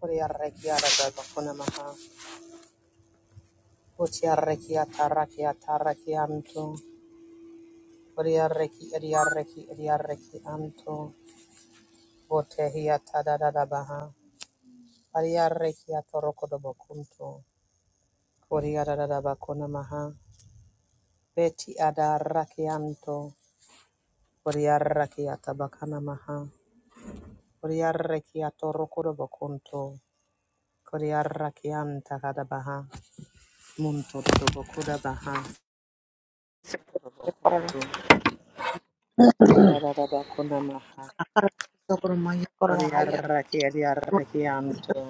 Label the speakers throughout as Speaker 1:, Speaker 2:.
Speaker 1: Koriarrekia da bakunamaha. Utiarrekia tarrakia tarrakianto. Koriarreki eriarreki eriarreki anto. Botehia tadadada baha. Ariarrekia toroko da bakunto. Koriarada da bakunamaha. Beti adarrakianto. Koriarrakia tabakanamaha. Koriarrekia toroko da bakunto. Koriarrakianta kadabaha. Munto da bakuda baha. Yarararabakunamaha.
Speaker 2: Socorro, Maya, Corona, Haya,
Speaker 1: Oriarraki adiarrakianto.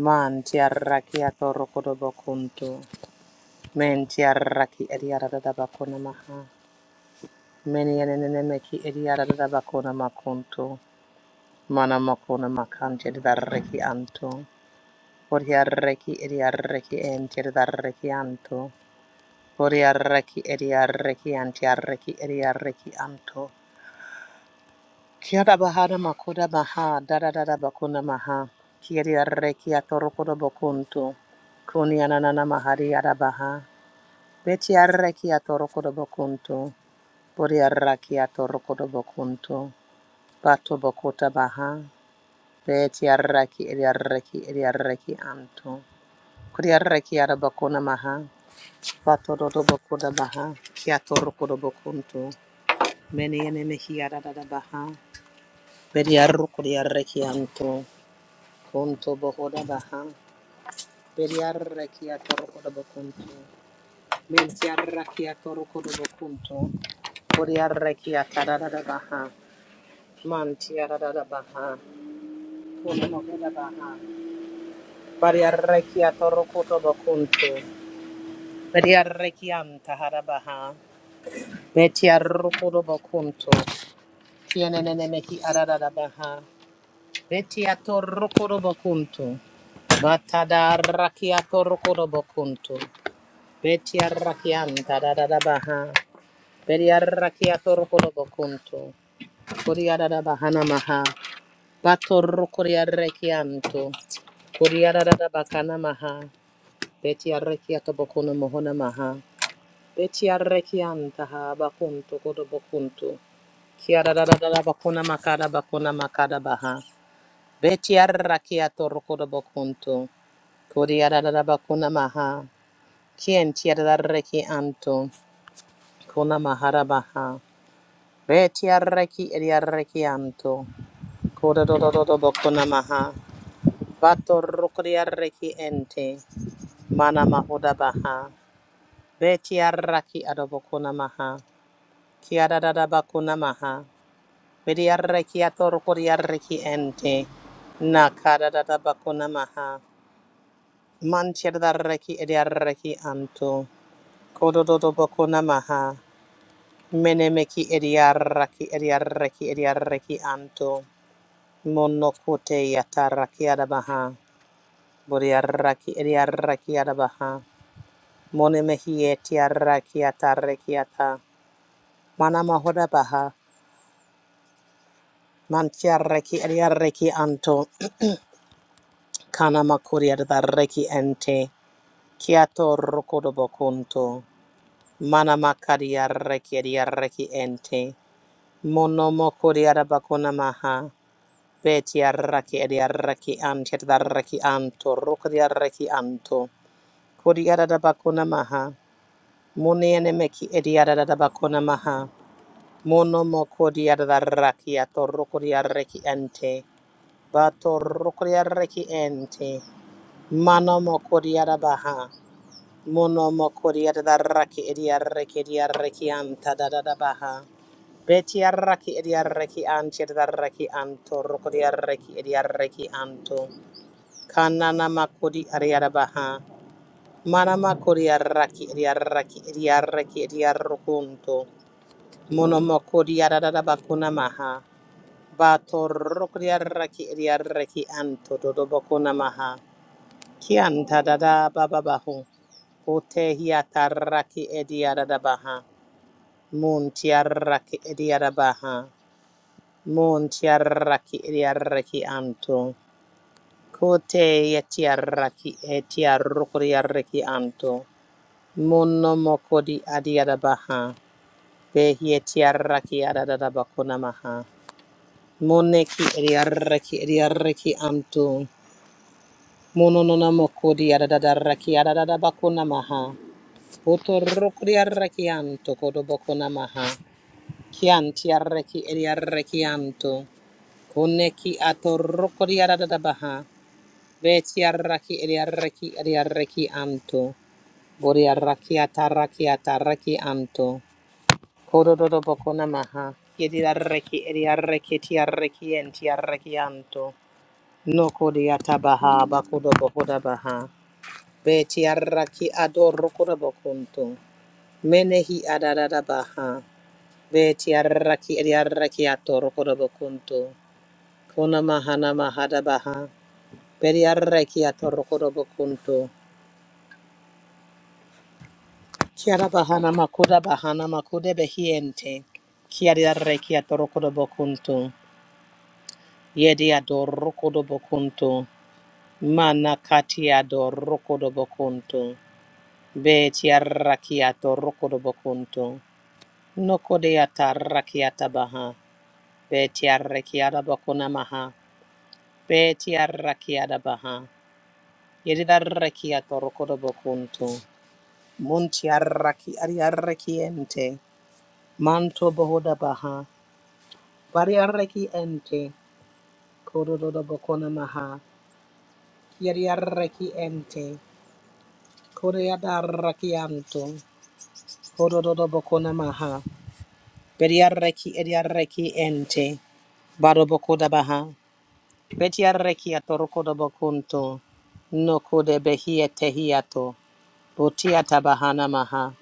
Speaker 1: Mantiarrakiato rokodobokunto. Mentiarraki adiararabakunamaha. Menianenemeki adiararabakunamakunto. Manamakunamakanti adiarrakianto. Oriarraki adiarraki enti adiarrakianto. Oriarraki adiarraki antiarraki adiarrakianto. Kia da bahada makoda baha dada dada da da bakuna maha. Kia di arreki a torokoda bakunto. Kuni ananana mahari ada baha. Beti arreki a torokoda bakunto. Bori arraki a torokoda bakunto. Bato bakota baha. Beti arraki edi arreki edi arreki anto. Kuri arreki ada bakuna maha. Bato dodo bakoda baha. Kia torokoda bakunto. Meni ene mehi ada da da baha. Bedi arrokodi arreki anto. Punto bohoda baha. Beriarrakia torokoda bokunto. Mentiarrakia torokoda bokunto. Boriarrakia tarada baha. Mantiarada baha. Punto bohoda baha. Bariarrakia torokoda bokunto. Beriarrakiam tahara baha. Betiarrokoda bokunto. Tienenene meki arada baha. Betiatorrokoda bokunto. Batadarrakia torokoda bokunto. Betiarrakianta da da da baha. Betiarrakiato rokorobo kunto. Kuriara da bahana maha. Bato rokoriarrakianto. Kuriara da da bakana maha. Betiarrakiato bokono mohona maha. Betiarrakianta ha bakunto kodobo kunto. Kiara da da da da bakuna makada bakuna makada baha. Betiarrakiato rokorobo kunto. Kuriara da da bakuna maha. Kien tiarrakianto. Kona mahara baha. Beti arreki edi arreki anto Betiarraki ediarrakianto. Kododododo bokonamaha. Bato rokodiarraki ente. Manama odabaha. Betiarraki adobokonamaha. Kiadadada bakonamaha. Betiarraki atorokodiarraki ente. Nakadadada bakonamaha. Manchirdarraki ediarraki anto. Kodododo bokonamaha. Menemeki ediarraki ediarraki ediarraki anto. Mono kote yataraki adabaha. Buriaraki eriaraki adabaha. Mone mehie tiaraki ataraki ata. Mana mahoda baha. Mantiaraki eriaraki anto. Kana makuri adaraki ente. Kiato rokodobo kunto. Mana makari araki eriaraki ente. Mono mokuri adabakuna maha. Betiaraki eriaraki antiaraki anto. Rokodiaraki anto. Kodiyarada bakuna maha. Munene meki ediyarada bakuna maha. Mono mo kodiyarada rakia torokodiareki ente. Bato rokodiareki ente. Mano mo kodiyarada baha. Mono mo kodiyarada raki ediyareki ediyareki anta da da dadada baha. Betiaraki ediareki anti edaraki anto rokodiareki ediareki anto. Kanana makodi ariarabaha. Manama kodiaraki idiaraki idiaraki idiarokunto. Monoma kodiarabakuna maha. Bato rokodiaraki idiaraki anto dodobakuna maha. Kianta dada bababahu. Ote hiataraki idiarabaha. Muntiaraki idiarabaha. Muntiaraki idiaraki anto. Kote yetiaraki etiarokodiaraki anto. Mono mokodi adiadabaha. Behieti arraki adadadabakunamaha. Moneki ediarraki ediarraki amtu. Mono nona mokodi adadadarraki adadadabakunamaha. Otorokri arraki anto kodobokunamaha. Kianti arraki ediarraki anto. Koneki atorokri adadadabaha. Beti arraki ediarraki ediarraki anto. Bori arraki atarraki atarraki anto. Kododo boko namaha. Yedi arreki edi arreki ti arreki enti arreki anto. No kodi atabaha bakudo bokoda baha. Beti arraki adoro kodo bokunto. Menehi adadada baha. Beti arraki edi arreki atoro kodo bokunto. Kona mahana mahada baha. Beti arreki atoro kodo bokunto. Kiara bahana makuda bahana makude behiente. Kiari arreki atoro kodo bokunto. Yedi adorokodo bokunto. Mana kati adorokodo bokunto. Beti arrakiato rokodo bokunto. Nokode atarrakiata baha. Beti arrakiata bokuna maha. Beti arrakiata baha. Yedi arrakiato rokodo bokunto. Munti arraki ari arrakiente. Manto bohoda baha. Bari arraki ente. Kododo bokuna maha. Yedi arraki ente. Koreada rakianto, Kododo bokona maha, Bediareki ediareki ente, Baroboko da baha, Betiareki atorokoda bokunto, Noko de behia tehiato, Botiata bahana maha,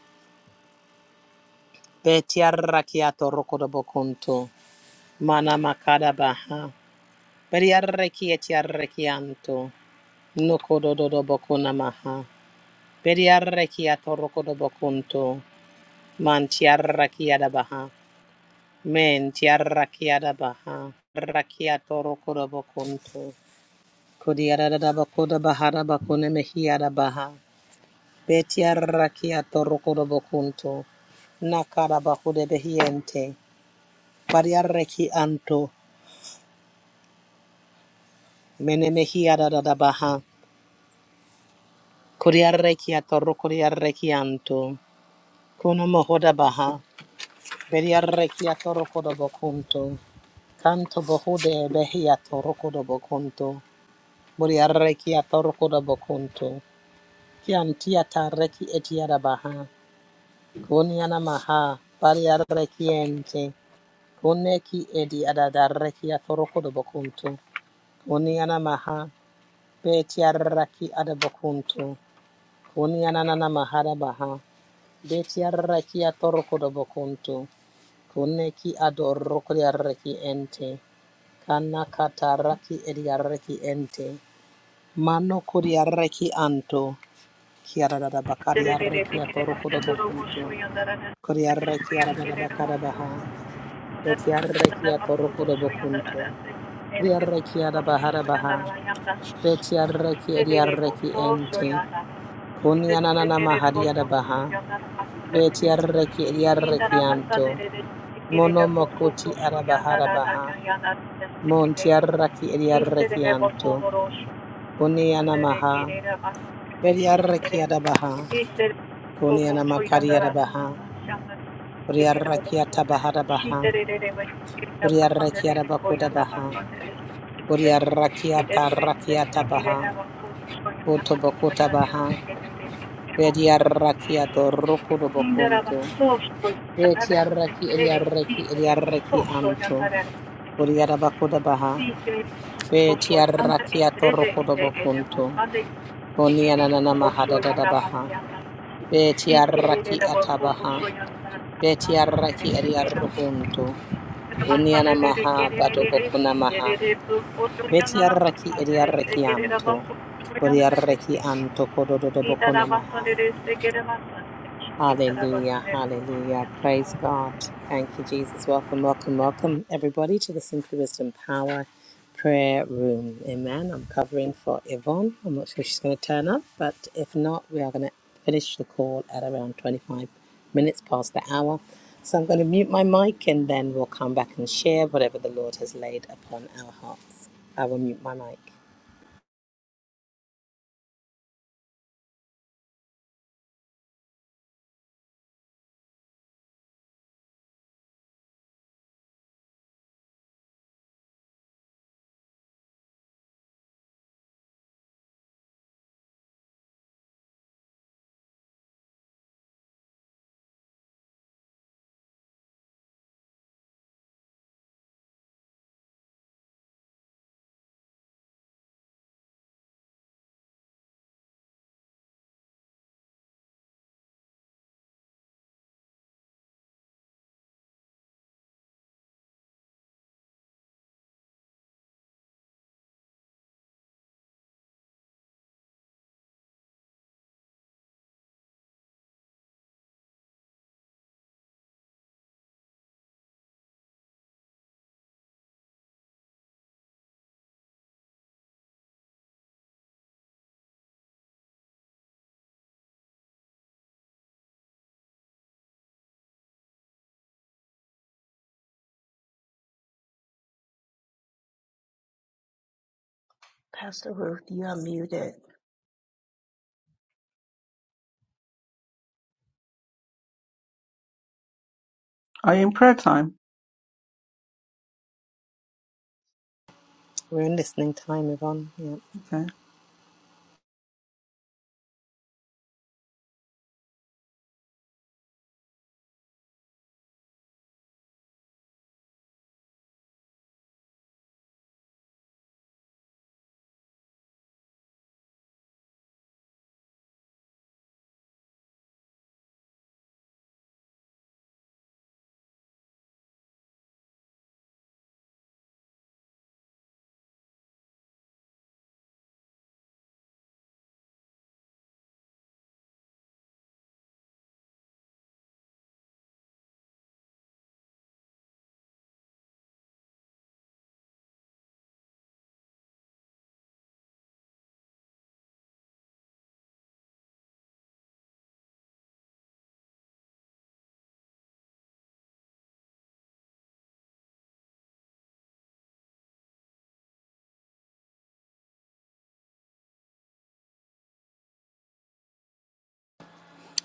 Speaker 1: Betiareki atorokoda bokunto, Mana makada baha, Bediareki etiarekianto, Noko dodo bokona maha, Bediareki atorokoda bokunto, Mantiareki adabaha, Men tiarrakiada baha, rakiato rokoda bakunto, kodiada da bakoda bahada bakune mehiada baha, betiarrakiato rokoda bakunto, nakada bakude behiente, variarreki anto, mene mehiada da da baha, kodiarrekiato rokodiarreki anto, kuno mohoda baha, beriarrekiato rokoda bakunto, kanto bohude behiato rokoda bakunto, Buriareki atorkoda bokunto. Kianti atareki etiada baha. Kuniana maha. Bariareki ente. Kuneki edi adadareki atorkoda bokunto. Kuniana maha. Betiareki adabokunto. Kuniana nana mahara baha. Betiareki atorkoda bokunto. Kuneki adorokodiareki ente. Kana kataraki ediareki ente. Mano kuriareki anto. Kiarada Bakaria
Speaker 3: Thank
Speaker 1: Rekia Torokoda Bokunto. Korea Rekia da Bakara Baha. Betia Rekia Torokoda Bokunto. Korea Rekia da Bahara Baha. Betia Rekia Dia Reki Ente. Kunianana Maharia da Baha. Betia Rekia Dia Rekianto. Mono Mokoti Arabahara Baha. Montia Raki Dia Rekianto.
Speaker 3: you.
Speaker 1: Kuniana Maha. Betia Rekia da Baha. Kuniana Makaria Baha. Uriarrakiata bahara baha. Uriarrakiara bakoda baha. Uriarrakiata rakiata baha. Otobokota baha.
Speaker 3: I don't know.
Speaker 1: Bediarrakiato rokodo
Speaker 3: Niinderava
Speaker 1: bokunto.
Speaker 3: soostuin
Speaker 1: Betiarraki
Speaker 3: veden
Speaker 1: eriarraki
Speaker 3: siiseli
Speaker 1: eriarraki
Speaker 3: soossuojan
Speaker 1: anto.
Speaker 3: taren tekinen.
Speaker 1: Uriara bakoda baha.
Speaker 3: Siiseli soossuojan
Speaker 1: Betiarrakiato
Speaker 3: esrede
Speaker 1: rokodo
Speaker 3: ede ede
Speaker 1: bokunto.
Speaker 3: vammade edeli
Speaker 1: Onianana mahada
Speaker 3: soossuojan
Speaker 1: dada baha.
Speaker 3: tapatsijalta. Tiikkeleri
Speaker 1: Betiarraki
Speaker 3: de var
Speaker 1: atabaha.
Speaker 3: soossuojan tarkkaan aserin
Speaker 1: Betiarraki
Speaker 3: tekenen.
Speaker 1: eriarrokunto. Uniana
Speaker 3: Asaneleri
Speaker 1: maha bato
Speaker 3: keneleri
Speaker 1: bokuna maha.
Speaker 3: siiseli de soossuojan
Speaker 1: Betiaraki
Speaker 3: anamakalleri
Speaker 1: ediaraki
Speaker 3: tekeleri var
Speaker 1: anto.
Speaker 3: soossuojan
Speaker 1: Boriaraki
Speaker 3: tekenen.
Speaker 1: anto Kododo, kodododoboco namaha. Hallelujah, hallelujah. Praise God.
Speaker 3: いただばそれるすてけるばそいただばそれるば。Good
Speaker 1: Thank you, Jesus. Welcome, welcome, welcome, everybody, to the Simply Wisdom Power Prayer Room. Amen. I'm covering for Yvonne. I'm not sure she's going to turn up, but if not, we are going to finish the call at around 25 minutes past the hour. So I'm going to mute my mic and then we'll come back and share whatever the Lord has laid upon our hearts. I will mute my mic.
Speaker 4: Pastor Ruth, you are muted.
Speaker 5: Are you in prayer time?
Speaker 1: We're in listening time, Yvonne. Yeah.
Speaker 5: Okay.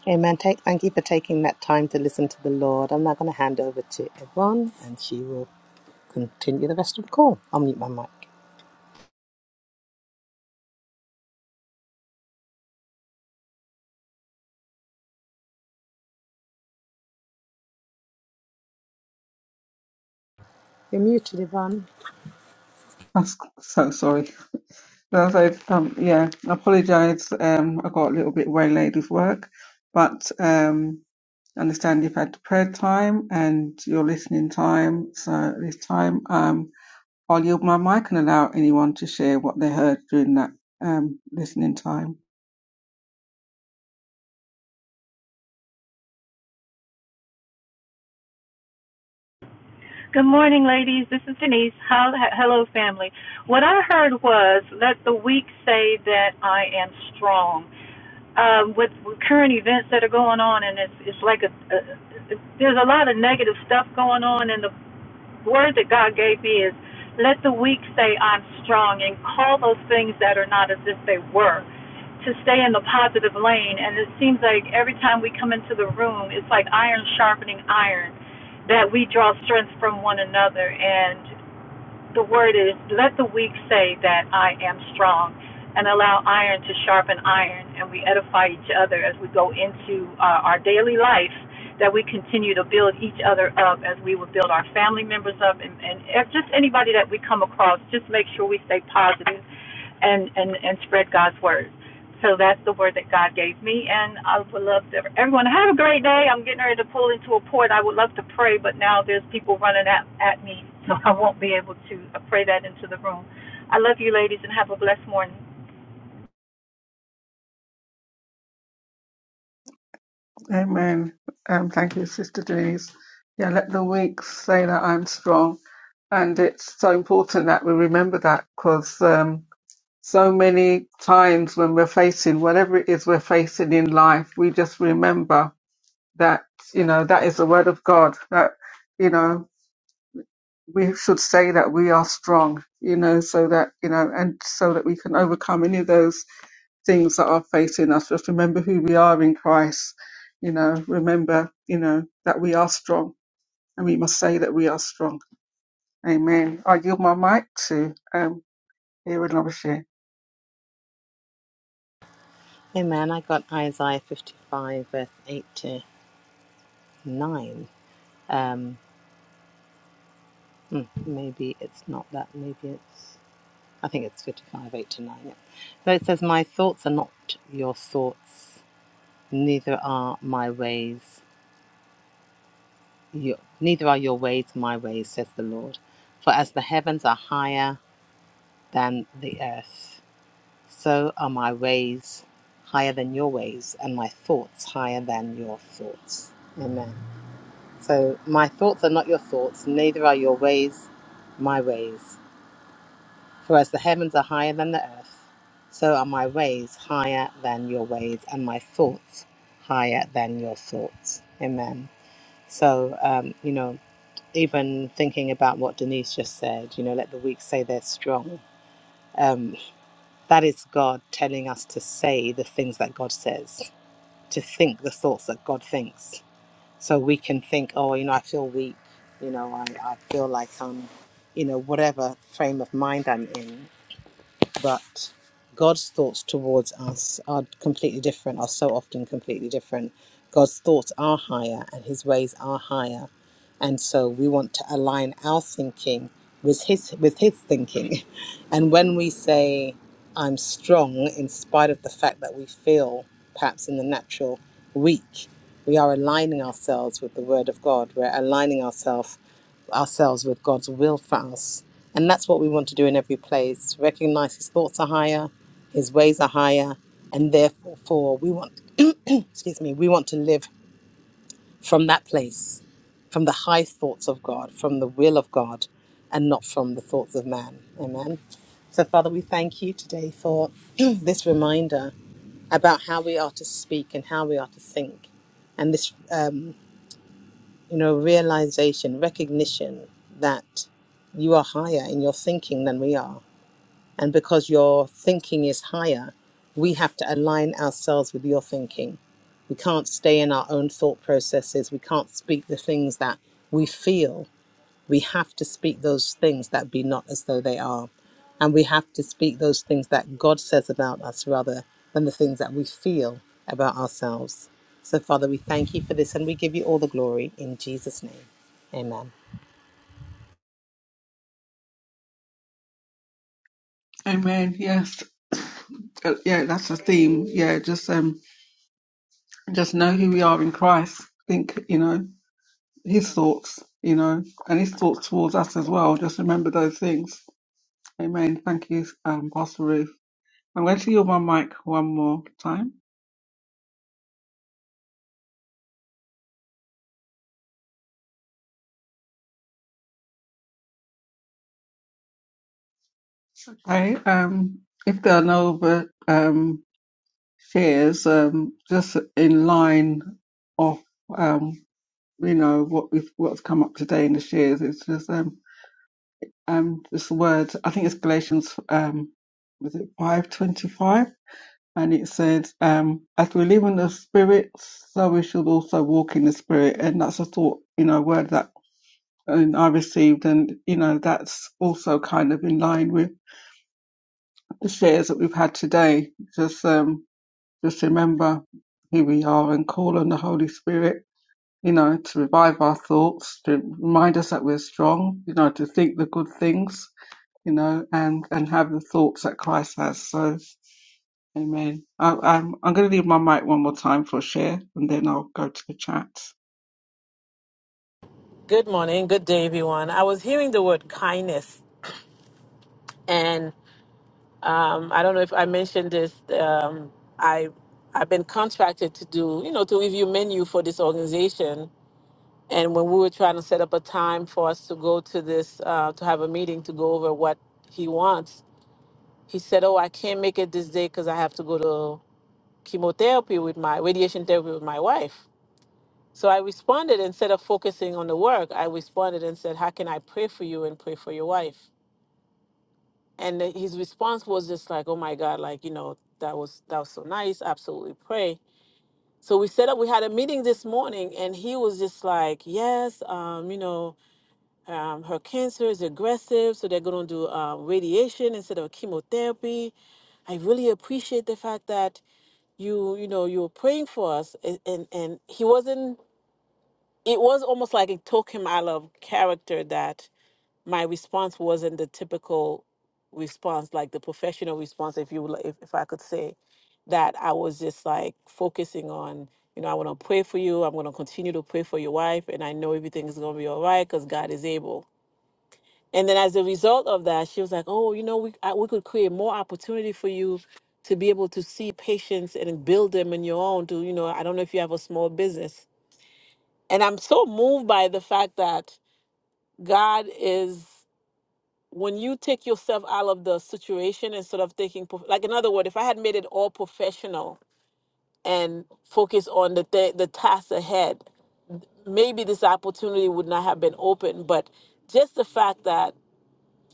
Speaker 1: Amen. Take, thank you for taking that time to listen to the Lord. I'm now going to hand over to Yvonne and she will continue the rest of the call. I'll mute my mic. You're muted, Yvonne.
Speaker 5: I'm s- so sorry. No, so, um, yeah, I apologize. Um, I got a little bit waylaid with work, but um, I understand you've had prayer time and your listening time. So at this time, um, I'll yield my mic and allow anyone to share what they heard during that um, listening time.
Speaker 3: morning, ladies. This is Denise. hello, family. What I heard was let the weak say that I am strong. um, with, with current events that are going on, and it's it's like a, a there's a lot of negative stuff going on in the word that God gave me is let the weak say, I'm strong, and call those things that are not as if they were, to stay in the positive lane. And it seems like every time we come into the room, it's like iron sharpening iron, that we draw strength from one another. And the word is let the weak say that I am strong and allow iron to sharpen iron and we edify each other as we go into uh, our daily life that we continue to build each other up as we would build our family members up and, and just anybody that we come across just make sure we stay positive and and and spread God's word. So that's the word that God gave me, and I would love to, everyone have a great day. I'm getting ready to pull into a port. I would love to pray, but now there's people running at at me, so I won't be able to uh, pray that into the room. I love you, ladies, and have a blessed morning.
Speaker 5: Amen. Um, thank you, Sister Denise. Yeah, let the weak say that I'm strong. And it's so important that we remember that because um, so many times when we're facing whatever it is we're facing in life, we just remember that, you know, that is the word of God, that, you know, we should say that we are strong, you know, so that, you know, and so that we can overcome any of those things that are facing us. Just remember who we are in Christ. You know, remember, you know, that we are strong and we must say that we are strong. Amen. I yield my mic to um here and Love Share.
Speaker 1: Amen. I got Isaiah 55, verse 8 to 9. Um, mm, maybe it's not that. Maybe it's, I think it's 55, 8 to 9. Yeah. So it says, My thoughts are not your thoughts, neither are my ways. Yo- neither are your ways my ways, says the Lord. For as the heavens are higher than the earth, so are my ways higher than your ways, and my thoughts higher than your thoughts. Amen. So my thoughts are not your thoughts, neither are your ways my ways. For as the heavens are higher than the earth, so are my ways higher than your ways, and my thoughts higher than your thoughts. Amen. So, um, you know, even thinking about what Denise just said, you know, let the weak say they're strong. Um, that is God telling us to say the things that God says, to think the thoughts that God thinks. So we can think, oh, you know, I feel weak, you know, I, I feel like I'm, you know, whatever frame of mind I'm in but God's thoughts towards us are completely different, are so often completely different. God's thoughts are higher and his ways are higher. And so we want to align our thinking with his with his thinking. And when we say I'm strong in spite of the fact that we feel perhaps in the natural weak, we are aligning ourselves with the word of God. We're aligning ourselves ourselves with God's will for us. And that's what we want to do in every place. Recognize his thoughts are higher, his ways are higher, and therefore we want excuse me, we want to live from that place, from the high thoughts of God, from the will of God, and not from the thoughts of man. Amen. So Father, we thank you today for this reminder about how we are to speak and how we are to think. And this um, you know, realization, recognition that you are higher in your thinking than we are. And because your thinking is higher, we have to align ourselves with your thinking. We can't stay in our own thought processes. We can't speak the things that we feel we have to speak those things that be not as though they are. And we have to speak those things that God says about us rather than the things that we feel about ourselves. So, Father, we thank you for this and we give you all the glory in Jesus' name. Amen.
Speaker 5: Amen. Yes. Uh, yeah, that's the theme. Yeah, just um just know who we are in Christ. Think, you know, his thoughts, you know, and his thoughts towards us as well. Just remember those things. Amen. Thank you, um, Pastor Ruth. I'm going to yield my mic one more time. I um, if there are no other um, shares, um, just in line of um, you know what we've what's come up today in the shares, it's just um, um, this word. I think it's Galatians um, was it five twenty five, and it says, um, "As we live in the Spirit, so we should also walk in the Spirit," and that's a thought, you know, word that. And I received, and you know that's also kind of in line with the shares that we've had today. Just um, just remember who we are and call on the Holy Spirit, you know, to revive our thoughts, to remind us that we're strong, you know, to think the good things, you know, and and have the thoughts that Christ has. So, Amen. I, I'm I'm going to leave my mic one more time for a share, and then I'll go to the chat.
Speaker 6: Good morning. Good day, everyone. I was hearing the word kindness, and um, I don't know if I mentioned this. Um, I I've been contracted to do, you know, to review menu for this organization. And when we were trying to set up a time for us to go to this, uh, to have a meeting to go over what he wants, he said, "Oh, I can't make it this day because I have to go to chemotherapy with my radiation therapy with my wife." So I responded instead of focusing on the work, I responded and said, "How can I pray for you and pray for your wife?" and the- his response was just like oh my god like you know that was that was so nice absolutely pray so we set up we had a meeting this morning and he was just like yes um, you know um, her cancer is aggressive so they're going to do um, radiation instead of chemotherapy i really appreciate the fact that you you know you were praying for us and and, and he wasn't it was almost like it took him out of character that my response wasn't the typical response, like the professional response, if you will- if, if I could say that I was just like focusing on, you know, I want to pray for you. I'm going to continue to pray for your wife, and I know everything is going to be all right because God is able. And then as a result of that, she was like, "Oh, you know, we I, we could create more opportunity for you to be able to see patients and build them in your own. To you know, I don't know if you have a small business." And I'm so moved by the fact that God is when you take yourself out of the situation instead of thinking prof- like in other words if i had made it all professional and focus on the th- the task ahead maybe this opportunity would not have been open but just the fact that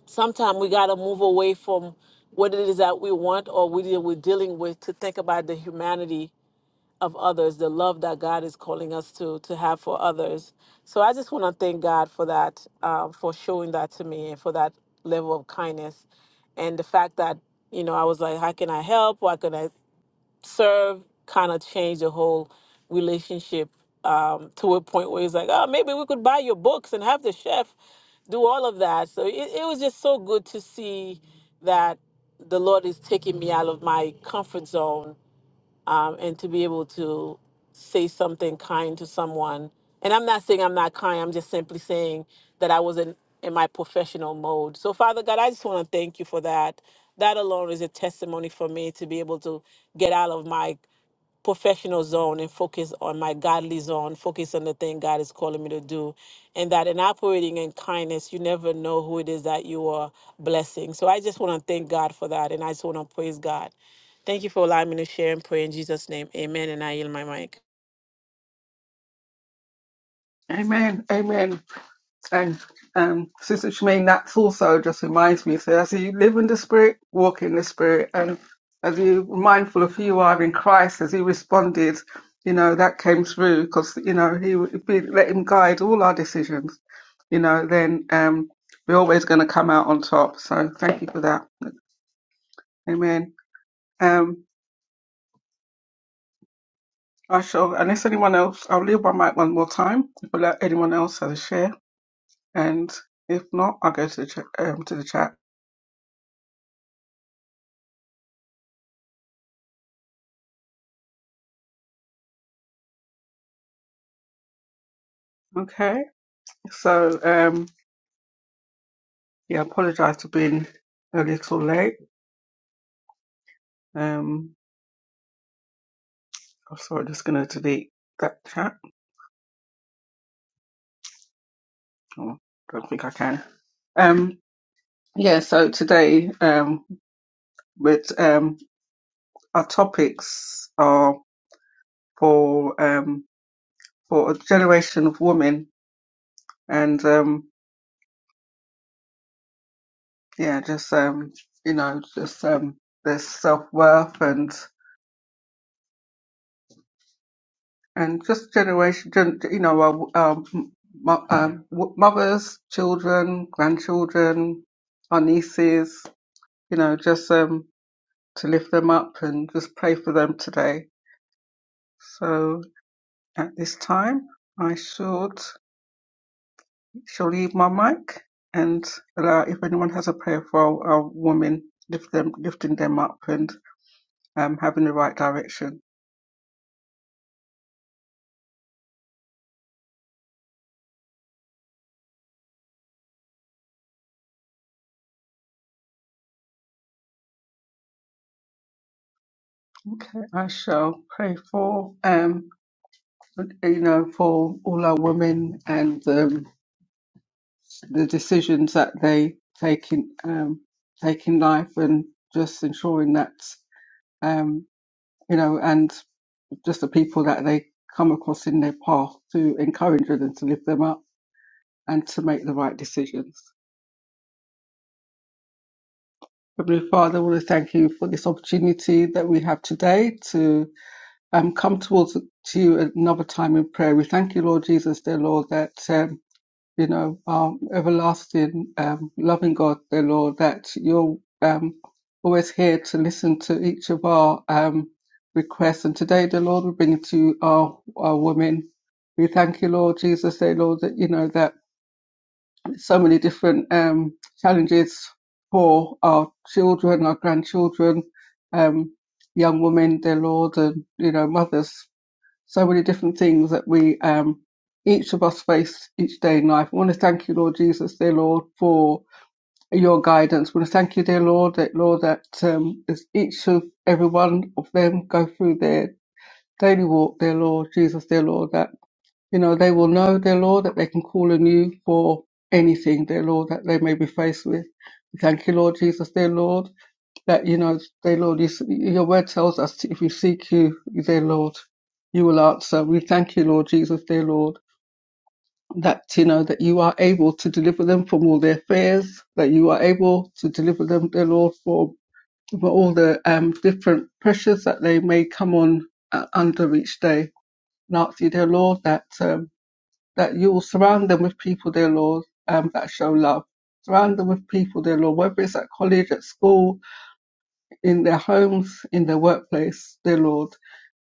Speaker 6: sometimes we got to move away from what it is that we want or what we're dealing with to think about the humanity of others, the love that God is calling us to to have for others. So I just want to thank God for that, um, for showing that to me and for that level of kindness, and the fact that you know I was like, how can I help? How can I serve? Kind of changed the whole relationship um, to a point where he's like, oh, maybe we could buy your books and have the chef do all of that. So it, it was just so good to see that the Lord is taking me out of my comfort zone um, and to be able to say something kind to someone. And I'm not saying I'm not kind, I'm just simply saying that I wasn't in my professional mode. So, Father God, I just want to thank you for that. That alone is a testimony for me to be able to get out of my professional zone and focus on my godly zone, focus on the thing God is calling me to do. And that in operating in kindness, you never know who it is that you are blessing. So I just want to thank God for that. And I just want to praise God. Thank you for allowing me to share and pray in Jesus' name. Amen. And I yield my mic.
Speaker 5: Amen. Amen. And um, Sister Shemaine, that's also just reminds me. So as you live in the Spirit, walk in the Spirit, and as you're mindful of who you are in Christ, as He responded, you know that came through because you know He would be, let Him guide all our decisions. You know, then um, we're always going to come out on top. So thank you for that. Amen. Um, I shall, unless anyone else, I'll leave my mic one more time if I let anyone else have a share, and if not, I'll go to the chat, um, to the chat. Okay. So, um, yeah, I apologise for being a little late. Um, I'm sorry, just going to delete that chat. Oh, don't think I can. Um, yeah, so today, um, with um, our topics are for um, for a generation of women, and um, yeah, just um, you know, just um, there's self worth and. and just generation, gen- you know, our um, mo- um, w- mothers, children, grandchildren, our nieces, you know, just um, to lift them up and just pray for them today. So at this time, I should shall leave my mic and allow if anyone has a prayer for our, our women, lift them, lifting them up, and. um, having the right direction. Okay, I shall pray for um, you know, for all our women and um, the decisions that they take in um, take in life, and just ensuring that um, you know, and just the people that they come across in their path to encourage them to lift them up and to make the right decisions. Heavenly Father, I want to thank you for this opportunity that we have today to um, come towards to you another time in prayer. We thank you, Lord Jesus, dear Lord, that um, you know, um, everlasting, um, loving God, dear Lord, that you're um, always here to listen to each of our um, requests. And today, dear Lord we bring it to our, our women. We thank you, Lord Jesus, dear Lord, that, you know, that so many different um, challenges for our children, our grandchildren, um, young women, dear Lord, and, you know, mothers so many different things that we um, each of us face each day in life. I want to thank you, Lord Jesus, dear Lord, for your guidance. I want to thank you, dear Lord, that Lord that um, as each of every one of them go through their daily walk, dear Lord Jesus, dear Lord, that you know, they will know their Lord that they can call on you for anything, their Lord, that they may be faced with. We Thank you, Lord Jesus, dear Lord, that, you know, dear Lord, you, your word tells us if we seek you, dear Lord, you will answer. We thank you, Lord Jesus, dear Lord, that, you know, that you are able to deliver them from all their fears, that you are able to deliver them, dear Lord, for, for all the um, different pressures that they may come on uh, under each day. And ask you, dear Lord, that. Um, that you will surround them with people, dear Lord, um, that show love. Surround them with people, dear Lord, whether it's at college, at school, in their homes, in their workplace, dear Lord.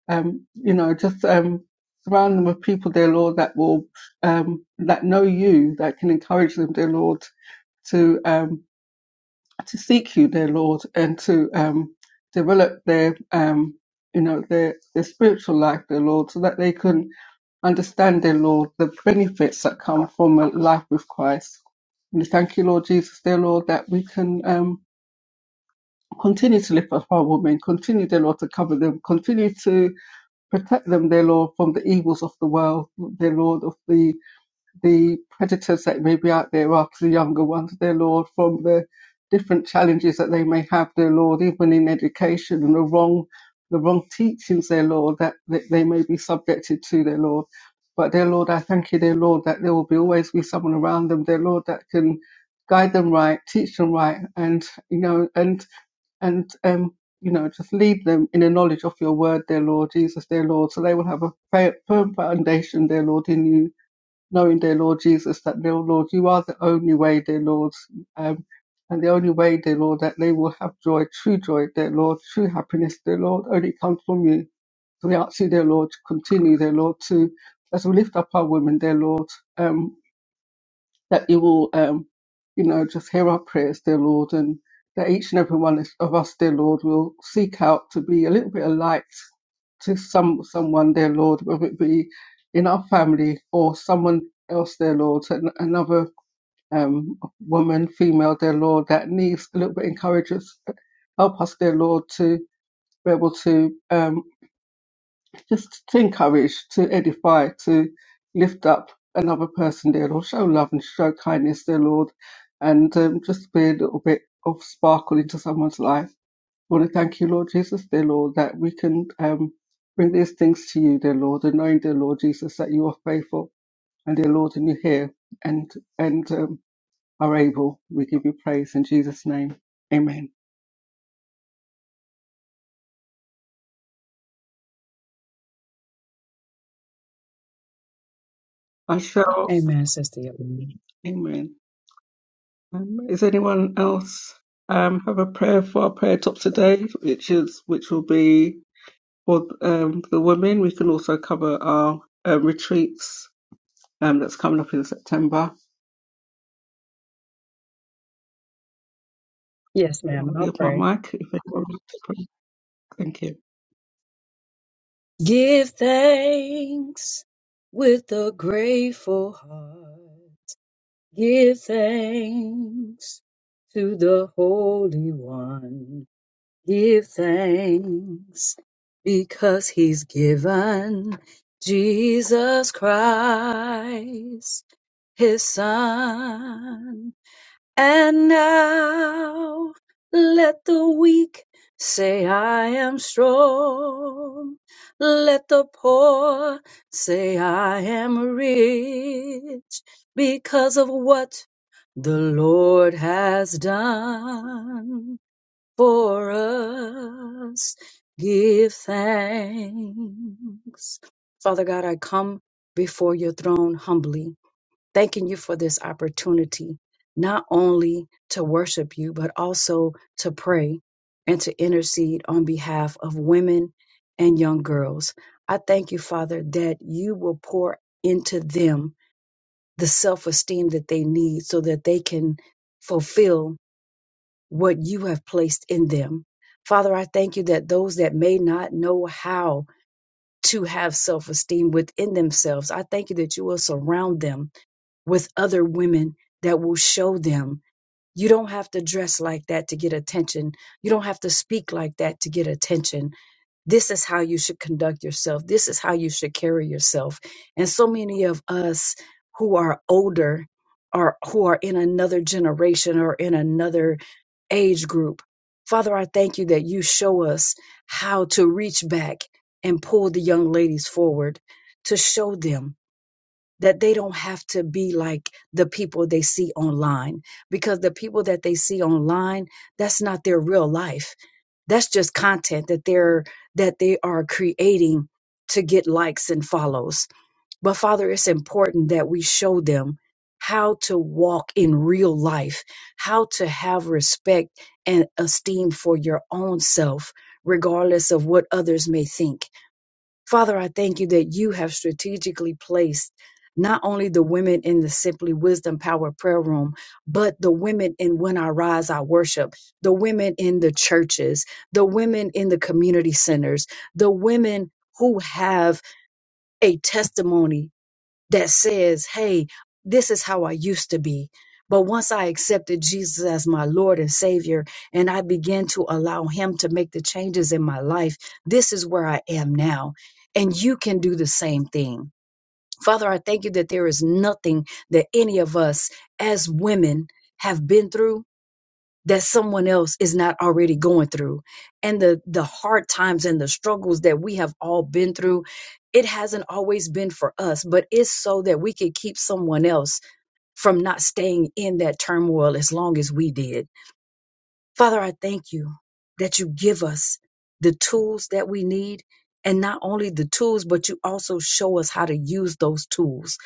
Speaker 5: Um, you know, just um, surround them with people, dear Lord, that will um, that know you, that can encourage them, dear Lord, to um, to seek you, dear Lord, and to um, develop their, um, you know, their their spiritual life, dear Lord, so that they can understand, dear Lord, the benefits that come from a life with Christ. We thank you, Lord Jesus, dear Lord, that we can um, continue to lift up our women, continue, dear Lord, to cover them, continue to protect them, dear Lord, from the evils of the world, dear Lord, of the the predators that may be out there after the younger ones, dear Lord, from the different challenges that they may have, dear Lord, even in education and the wrong, the wrong teachings, dear Lord, that, that they may be subjected to, dear Lord. But dear Lord, I thank you, dear Lord, that there will be always be someone around them, dear Lord, that can guide them right, teach them right, and you know, and and um, you know, just lead them in the knowledge of your word, dear Lord Jesus, dear Lord, so they will have a fa- firm foundation, dear Lord, in you knowing, dear Lord Jesus, that, dear Lord, you are the only way, dear Lord, um, and the only way, dear Lord, that they will have joy, true joy, dear Lord, true happiness, dear Lord, only comes from you. So we ask you, dear Lord, to continue, dear Lord, to, as we lift up our women, dear Lord, um, that you will, um, you know, just hear our prayers, dear Lord, and that each and every one of us, dear Lord, will seek out to be a little bit of light to some someone, dear Lord, whether it be in our family or someone else, dear Lord, an, another um, woman, female, dear Lord, that needs a little bit of encouragement. Help us, dear Lord, to be able to um, just to encourage, to edify, to lift up another person, dear Lord. Show love and show kindness, dear Lord. And um, just be a little bit of sparkle into someone's life. I want to thank you, Lord Jesus, dear Lord, that we can um, bring these things to you, dear Lord, and knowing, dear Lord Jesus, that you are faithful and, dear Lord, and you hear and, and um, are able. We give you praise in Jesus' name. Amen. I shall.
Speaker 7: Amen, Sister Yolanda.
Speaker 5: Amen. Um, is anyone else um, have a prayer for our prayer top today, which is which will be for um, the women. We can also cover our uh, retreats um, that's coming up in September.
Speaker 7: Yes,
Speaker 5: I
Speaker 7: ma'am,
Speaker 5: will
Speaker 7: I'll
Speaker 5: leave my
Speaker 7: pray.
Speaker 5: mic if anyone wants to pray. Thank you.
Speaker 7: Give thanks with a grateful heart. Give thanks to the Holy One. Give thanks because he's given Jesus Christ, his son. And now let the weak say, I am strong. Let the poor say, I am rich because of what the Lord has done for us. Give thanks. Father God, I come before your throne humbly thanking you for this opportunity, not only to worship you, but also to pray and to intercede on behalf of women and young girls. I thank you, Father, that you will pour into them the self esteem that they need so that they can fulfill what you have placed in them. Father, I thank you that those that may not know how to have self esteem within themselves, I thank you that you will surround them with other women that will show them you don't have to dress like that to get attention. You don't have to speak like that to get attention. This is how you should conduct yourself. This is how you should carry yourself. And so many of us who are older or who are in another generation or in another age group, Father, I thank you that you show us how to reach back and pull the young ladies forward to show them that they don't have to be like the people they see online because the people that they see online that's not their real life that's just content that they're that they are creating to get likes and follows but father it's important that we show them how to walk in real life how to have respect and esteem for your own self regardless of what others may think Father, I thank you that you have strategically placed not only the women in the Simply Wisdom Power Prayer Room, but the women in When I Rise, I Worship, the women in the churches, the women in the community centers, the women who have a testimony that says, hey, this is how I used to be. But once I accepted Jesus as my Lord and Savior, and I began to allow Him to make the changes in my life, this is where I am now. And you can do the same thing. Father, I thank you that there is nothing that any of us as women have been through that someone else is not already going through and the the hard times and the struggles that we have all been through it hasn't always been for us but it's so that we could keep someone else from not staying in that turmoil as long as we did Father, I thank you that you give us the tools that we need. And not only the tools, but you also show us how to use those tools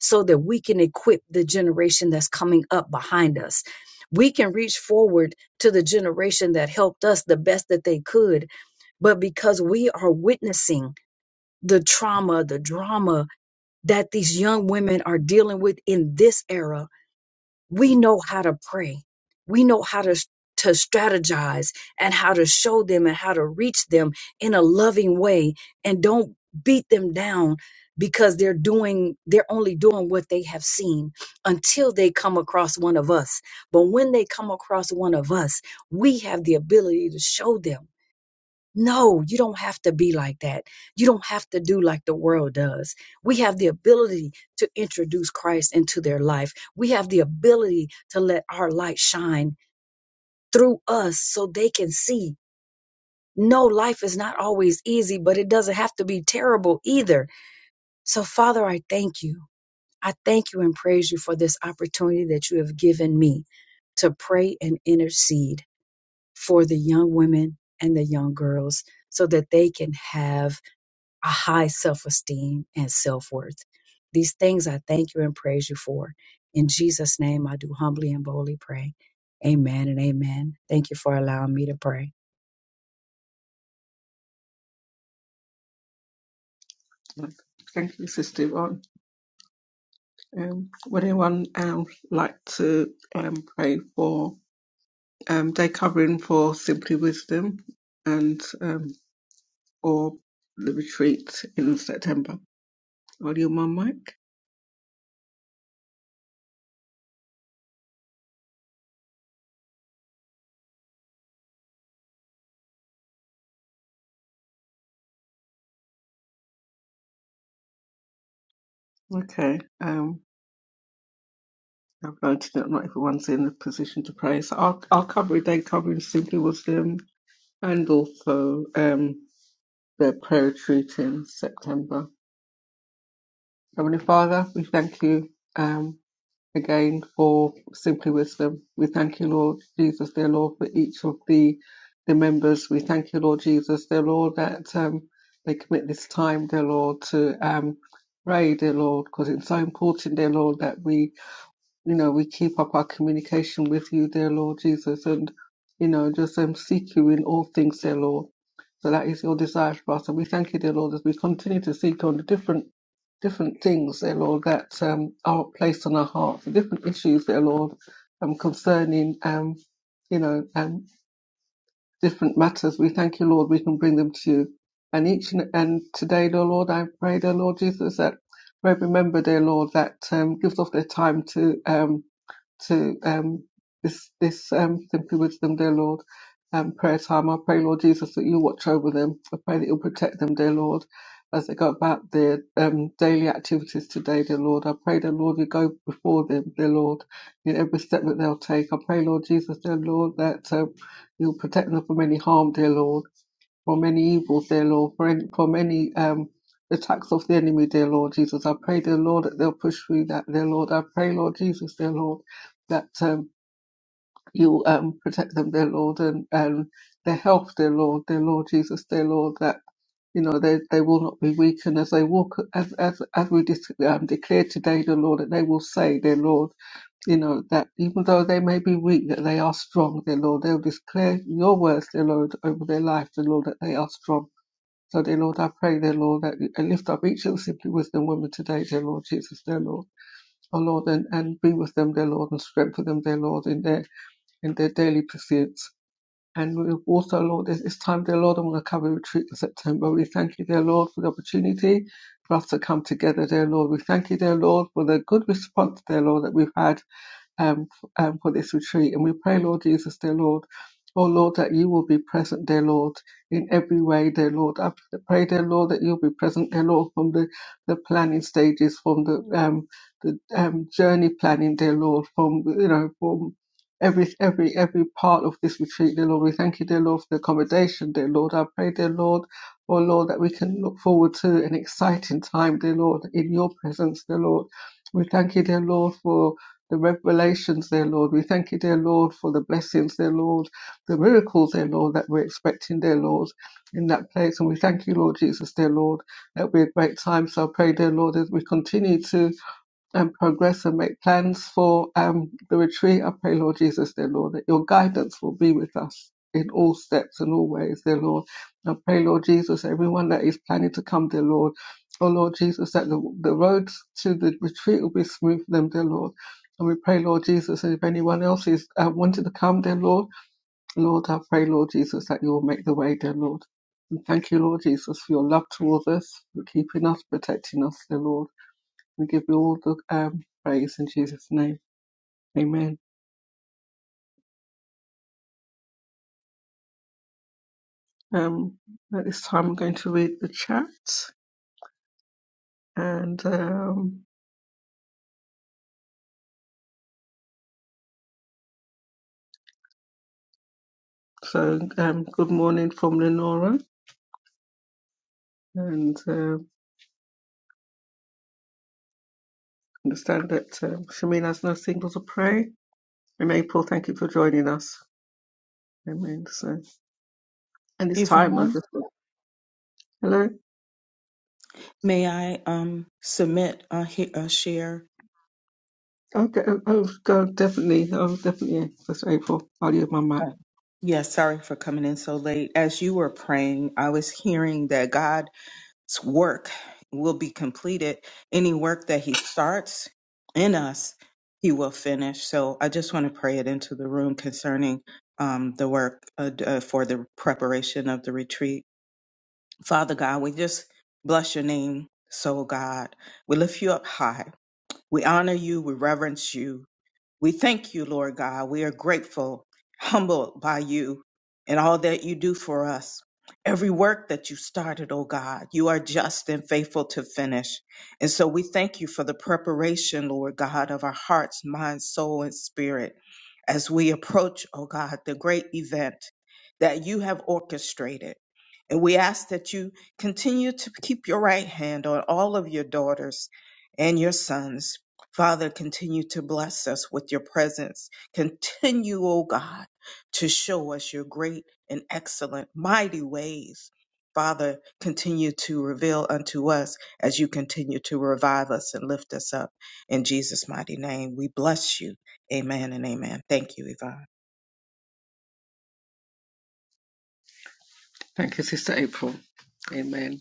Speaker 7: so that we can equip the generation that's coming up behind us. We can reach forward to the generation that helped us the best that they could, but because we are witnessing the trauma, the drama that these young women are dealing with in this era, we know how to pray. We know how to to strategize and how to show them and how to reach them in a loving way and don't beat them down because they're doing they're only doing what they have seen until they come across one of us. But when they come across one of us, we have the ability to show them no, you don't have to be like that. You don't have to do like the world does. We have the ability to introduce Christ into their life. We have the ability to let our light shine through us so they can see. No, life is not always easy, but it doesn't have to be terrible either. So, Father, I thank you. I thank you and praise you for this opportunity that you have given me to pray and intercede for the young women and the young girls so that they can have a high self esteem and self worth. These things I thank you and praise you for. In Jesus' name, I do humbly and boldly pray. Amen and amen. Thank you for allowing me to pray.
Speaker 5: Thank you, Sister Yvonne. Um, would anyone um, like to um, pray for um, day covering for Simply Wisdom and um, or the retreat in September? I'll leave my mic. Okay. Um, I've noted that not everyone's in a position to pray. So I'll, I'll cover it. They cover in Simply Wisdom and also um, their prayer retreat in September. Heavenly Father, we thank you um, again for Simply Wisdom. We thank you, Lord Jesus, dear Lord, for each of the, the members. We thank you, Lord Jesus, dear Lord, that um, they commit this time, dear Lord, to um, pray, dear Lord, because it's so important, dear Lord, that we you know, we keep up our communication with you, dear Lord Jesus, and, you know, just um, seek you in all things, dear Lord. So that is your desire for us. And we thank you, dear Lord, as we continue to seek on the different different things, dear Lord, that um, are placed on our hearts, the different issues, dear Lord, um, concerning, um, you know, um, different matters. We thank you, Lord, we can bring them to you. And each and, and today, dear Lord, I pray, dear Lord Jesus, that we remember, dear Lord, that um, gives off their time to. Um, to um, this this um, Simply Wisdom, dear Lord, um, prayer time. I pray, Lord Jesus, that you watch over them. I pray that you'll protect them, dear Lord, as they go about their um, daily activities today, dear Lord. I pray, dear Lord, you go before them, dear Lord, in every step that they'll take. I pray, Lord Jesus, dear Lord, that um, you'll protect them from any harm, dear Lord. From many evils, dear Lord, for, any, for many um, attacks of the enemy, dear Lord Jesus. I pray, dear Lord, that they'll push through that, dear Lord. I pray, Lord Jesus, dear Lord, that um, you'll um, protect them, dear Lord, and, and their health, dear Lord, dear Lord Jesus, dear Lord, that you know they, they will not be weakened as they walk as as as we dis- um, declare today, dear Lord, that they will say, dear Lord, you know, that even though they may be weak, that they are strong, dear Lord. They'll declare your words, dear Lord, over their life, dear Lord, that they are strong. So, dear Lord, I pray, dear Lord, that you- and lift up each of the Simply Wisdom women today, dear Lord Jesus, dear Lord. Oh Lord, and, and be with them, dear Lord, and strengthen them, dear Lord, in their in their daily pursuits. And we also, Lord, it's, it's time, dear Lord, I'm going to cover retreat in September. We thank you, dear Lord, for the opportunity for us to come together, dear Lord. We thank you, dear Lord, for the good response, dear Lord, that we've had um, f- um, for this retreat. And we pray, Lord Jesus, dear Lord, oh Lord, that you will be present, dear Lord, in every way, dear Lord. I pray, dear Lord, that you'll be present, dear Lord, from the, the planning stages, from the um, the um, journey planning, dear Lord, from you know from every every every part of this retreat, dear Lord. We thank you, dear Lord, for the accommodation, dear Lord. I pray, dear Lord, oh Lord, that we can look forward to an exciting time, dear Lord, in your presence, dear Lord. We thank you, dear Lord, for the revelations, dear Lord. We thank you, dear Lord, for the blessings, dear Lord, the miracles, dear Lord, that we're expecting, dear Lord, in that place. And we thank you, Lord Jesus, dear Lord. That'll be a great time. So I pray, dear Lord, as we continue to and progress and make plans for um, the retreat. I pray, Lord Jesus, dear Lord, that your guidance will be with us in all steps and all ways, dear Lord. I pray, Lord Jesus, everyone that is planning to come, dear Lord. Oh, Lord Jesus, that the, the roads to the retreat will be smooth for them, dear Lord. And we pray, Lord Jesus, and if anyone else is uh, wanting to come, dear Lord, Lord, I pray, Lord Jesus, that you will make the way, dear Lord. And thank you, Lord Jesus, for your love towards us, for keeping us, protecting us, dear Lord. We give you all the um, praise in Jesus' name. Amen. Um, at this time, I'm going to read the chat. And um, so, um, good morning from Lenora. And uh, understand that um, Shamina's no single to pray. And April, thank you for joining us. Amen. So, and this time, I
Speaker 8: Yvonne,
Speaker 5: just hello.
Speaker 8: may I um, submit a, he- a share?
Speaker 5: Okay, oh, God, definitely, oh, definitely. yeah, That's April. I'll use my mic.
Speaker 8: Uh, yeah, sorry for coming in so late. As you were praying, I was hearing that God's work will be completed. Any work that He starts in us, He will finish. So I just want to pray it into the room concerning um, the work uh, d- uh, for the preparation of the retreat. Father God, we just bless your name, so God. We lift you up high. We honor you, we reverence you. We thank you, Lord God. We are grateful, humbled by you and all that you do for us. Every work that you started, oh God, you are just and faithful to finish. And so we thank you for the preparation, Lord God, of our hearts, mind, soul, and spirit as we approach, oh God, the great event that you have orchestrated. And we ask that you continue to keep your right hand on all of your daughters and your sons Father, continue to bless us with your presence. Continue, O God, to show us your great and excellent, mighty ways. Father, continue to reveal unto us as you continue to revive us and lift us up. In Jesus' mighty name, we bless you. Amen and amen. Thank you, Yvonne.
Speaker 5: Thank you, Sister April. Amen.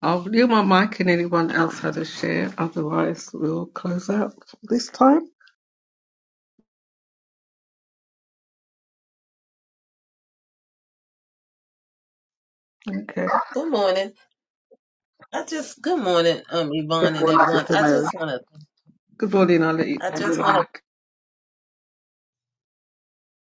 Speaker 5: I'll yield my mic and anyone else had a share. Otherwise, we'll close out this time. Okay.
Speaker 9: Good morning. I just good morning, um,
Speaker 5: Good
Speaker 9: Yvonne and
Speaker 5: morning,
Speaker 9: everyone.
Speaker 5: Sister
Speaker 9: I
Speaker 5: Mary.
Speaker 9: just wanna
Speaker 5: Good morning. I'll let you
Speaker 9: I
Speaker 5: have your
Speaker 9: just wanna
Speaker 5: mic.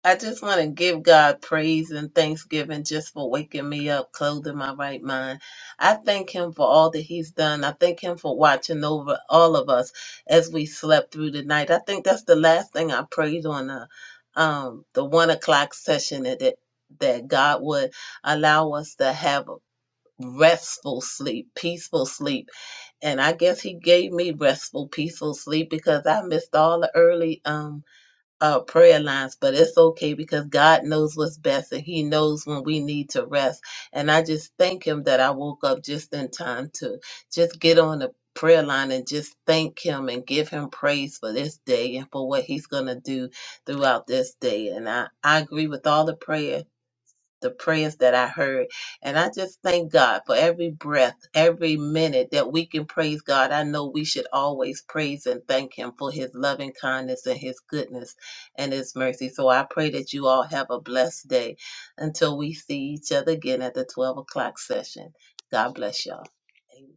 Speaker 9: I just wanna give God praise and thanksgiving just for waking me up, clothing my right mind. I thank him for all that he's done. I thank him for watching over all of us as we slept through the night. I think that's the last thing I prayed on the um the one o'clock session that that, that God would allow us to have a restful sleep, peaceful sleep and I guess he gave me restful, peaceful sleep because I missed all the early um uh prayer lines, but it's okay because God knows what's best and he knows when we need to rest. And I just thank him that I woke up just in time to just get on the prayer line and just thank him and give him praise for this day and for what he's going to do throughout this day. And I I agree with all the prayer the prayers that I heard. And I just thank God for every breath, every minute that we can praise God. I know we should always praise and thank Him for His loving kindness and His goodness and His mercy. So I pray that you all have a blessed day until we see each other again at the 12 o'clock session. God bless y'all. Amen.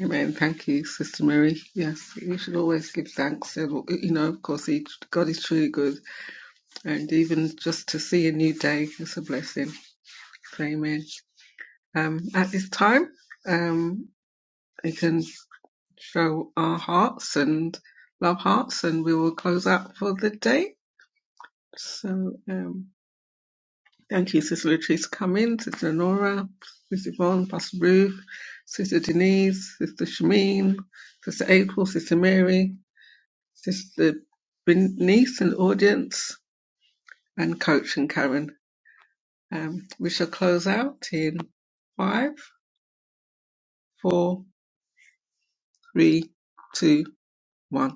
Speaker 5: Amen. Thank you, Sister Mary. Yes, you should always give thanks. And, you know, of course, he, God is truly good. And even just to see a new day is a blessing. So, amen. Um, at this time, um, you can. show our hearts and love hearts, and we will close out for the day. So, um, thank you, Sister Latrice, for coming, Sister Nora, Sister Yvonne, Pastor Ruth, Sister Denise, Sister Shameen, Sister April, Sister Mary, Sister Bernice in the audience, and Coach and Karen. Um, we shall close out in five, four, three, two, one.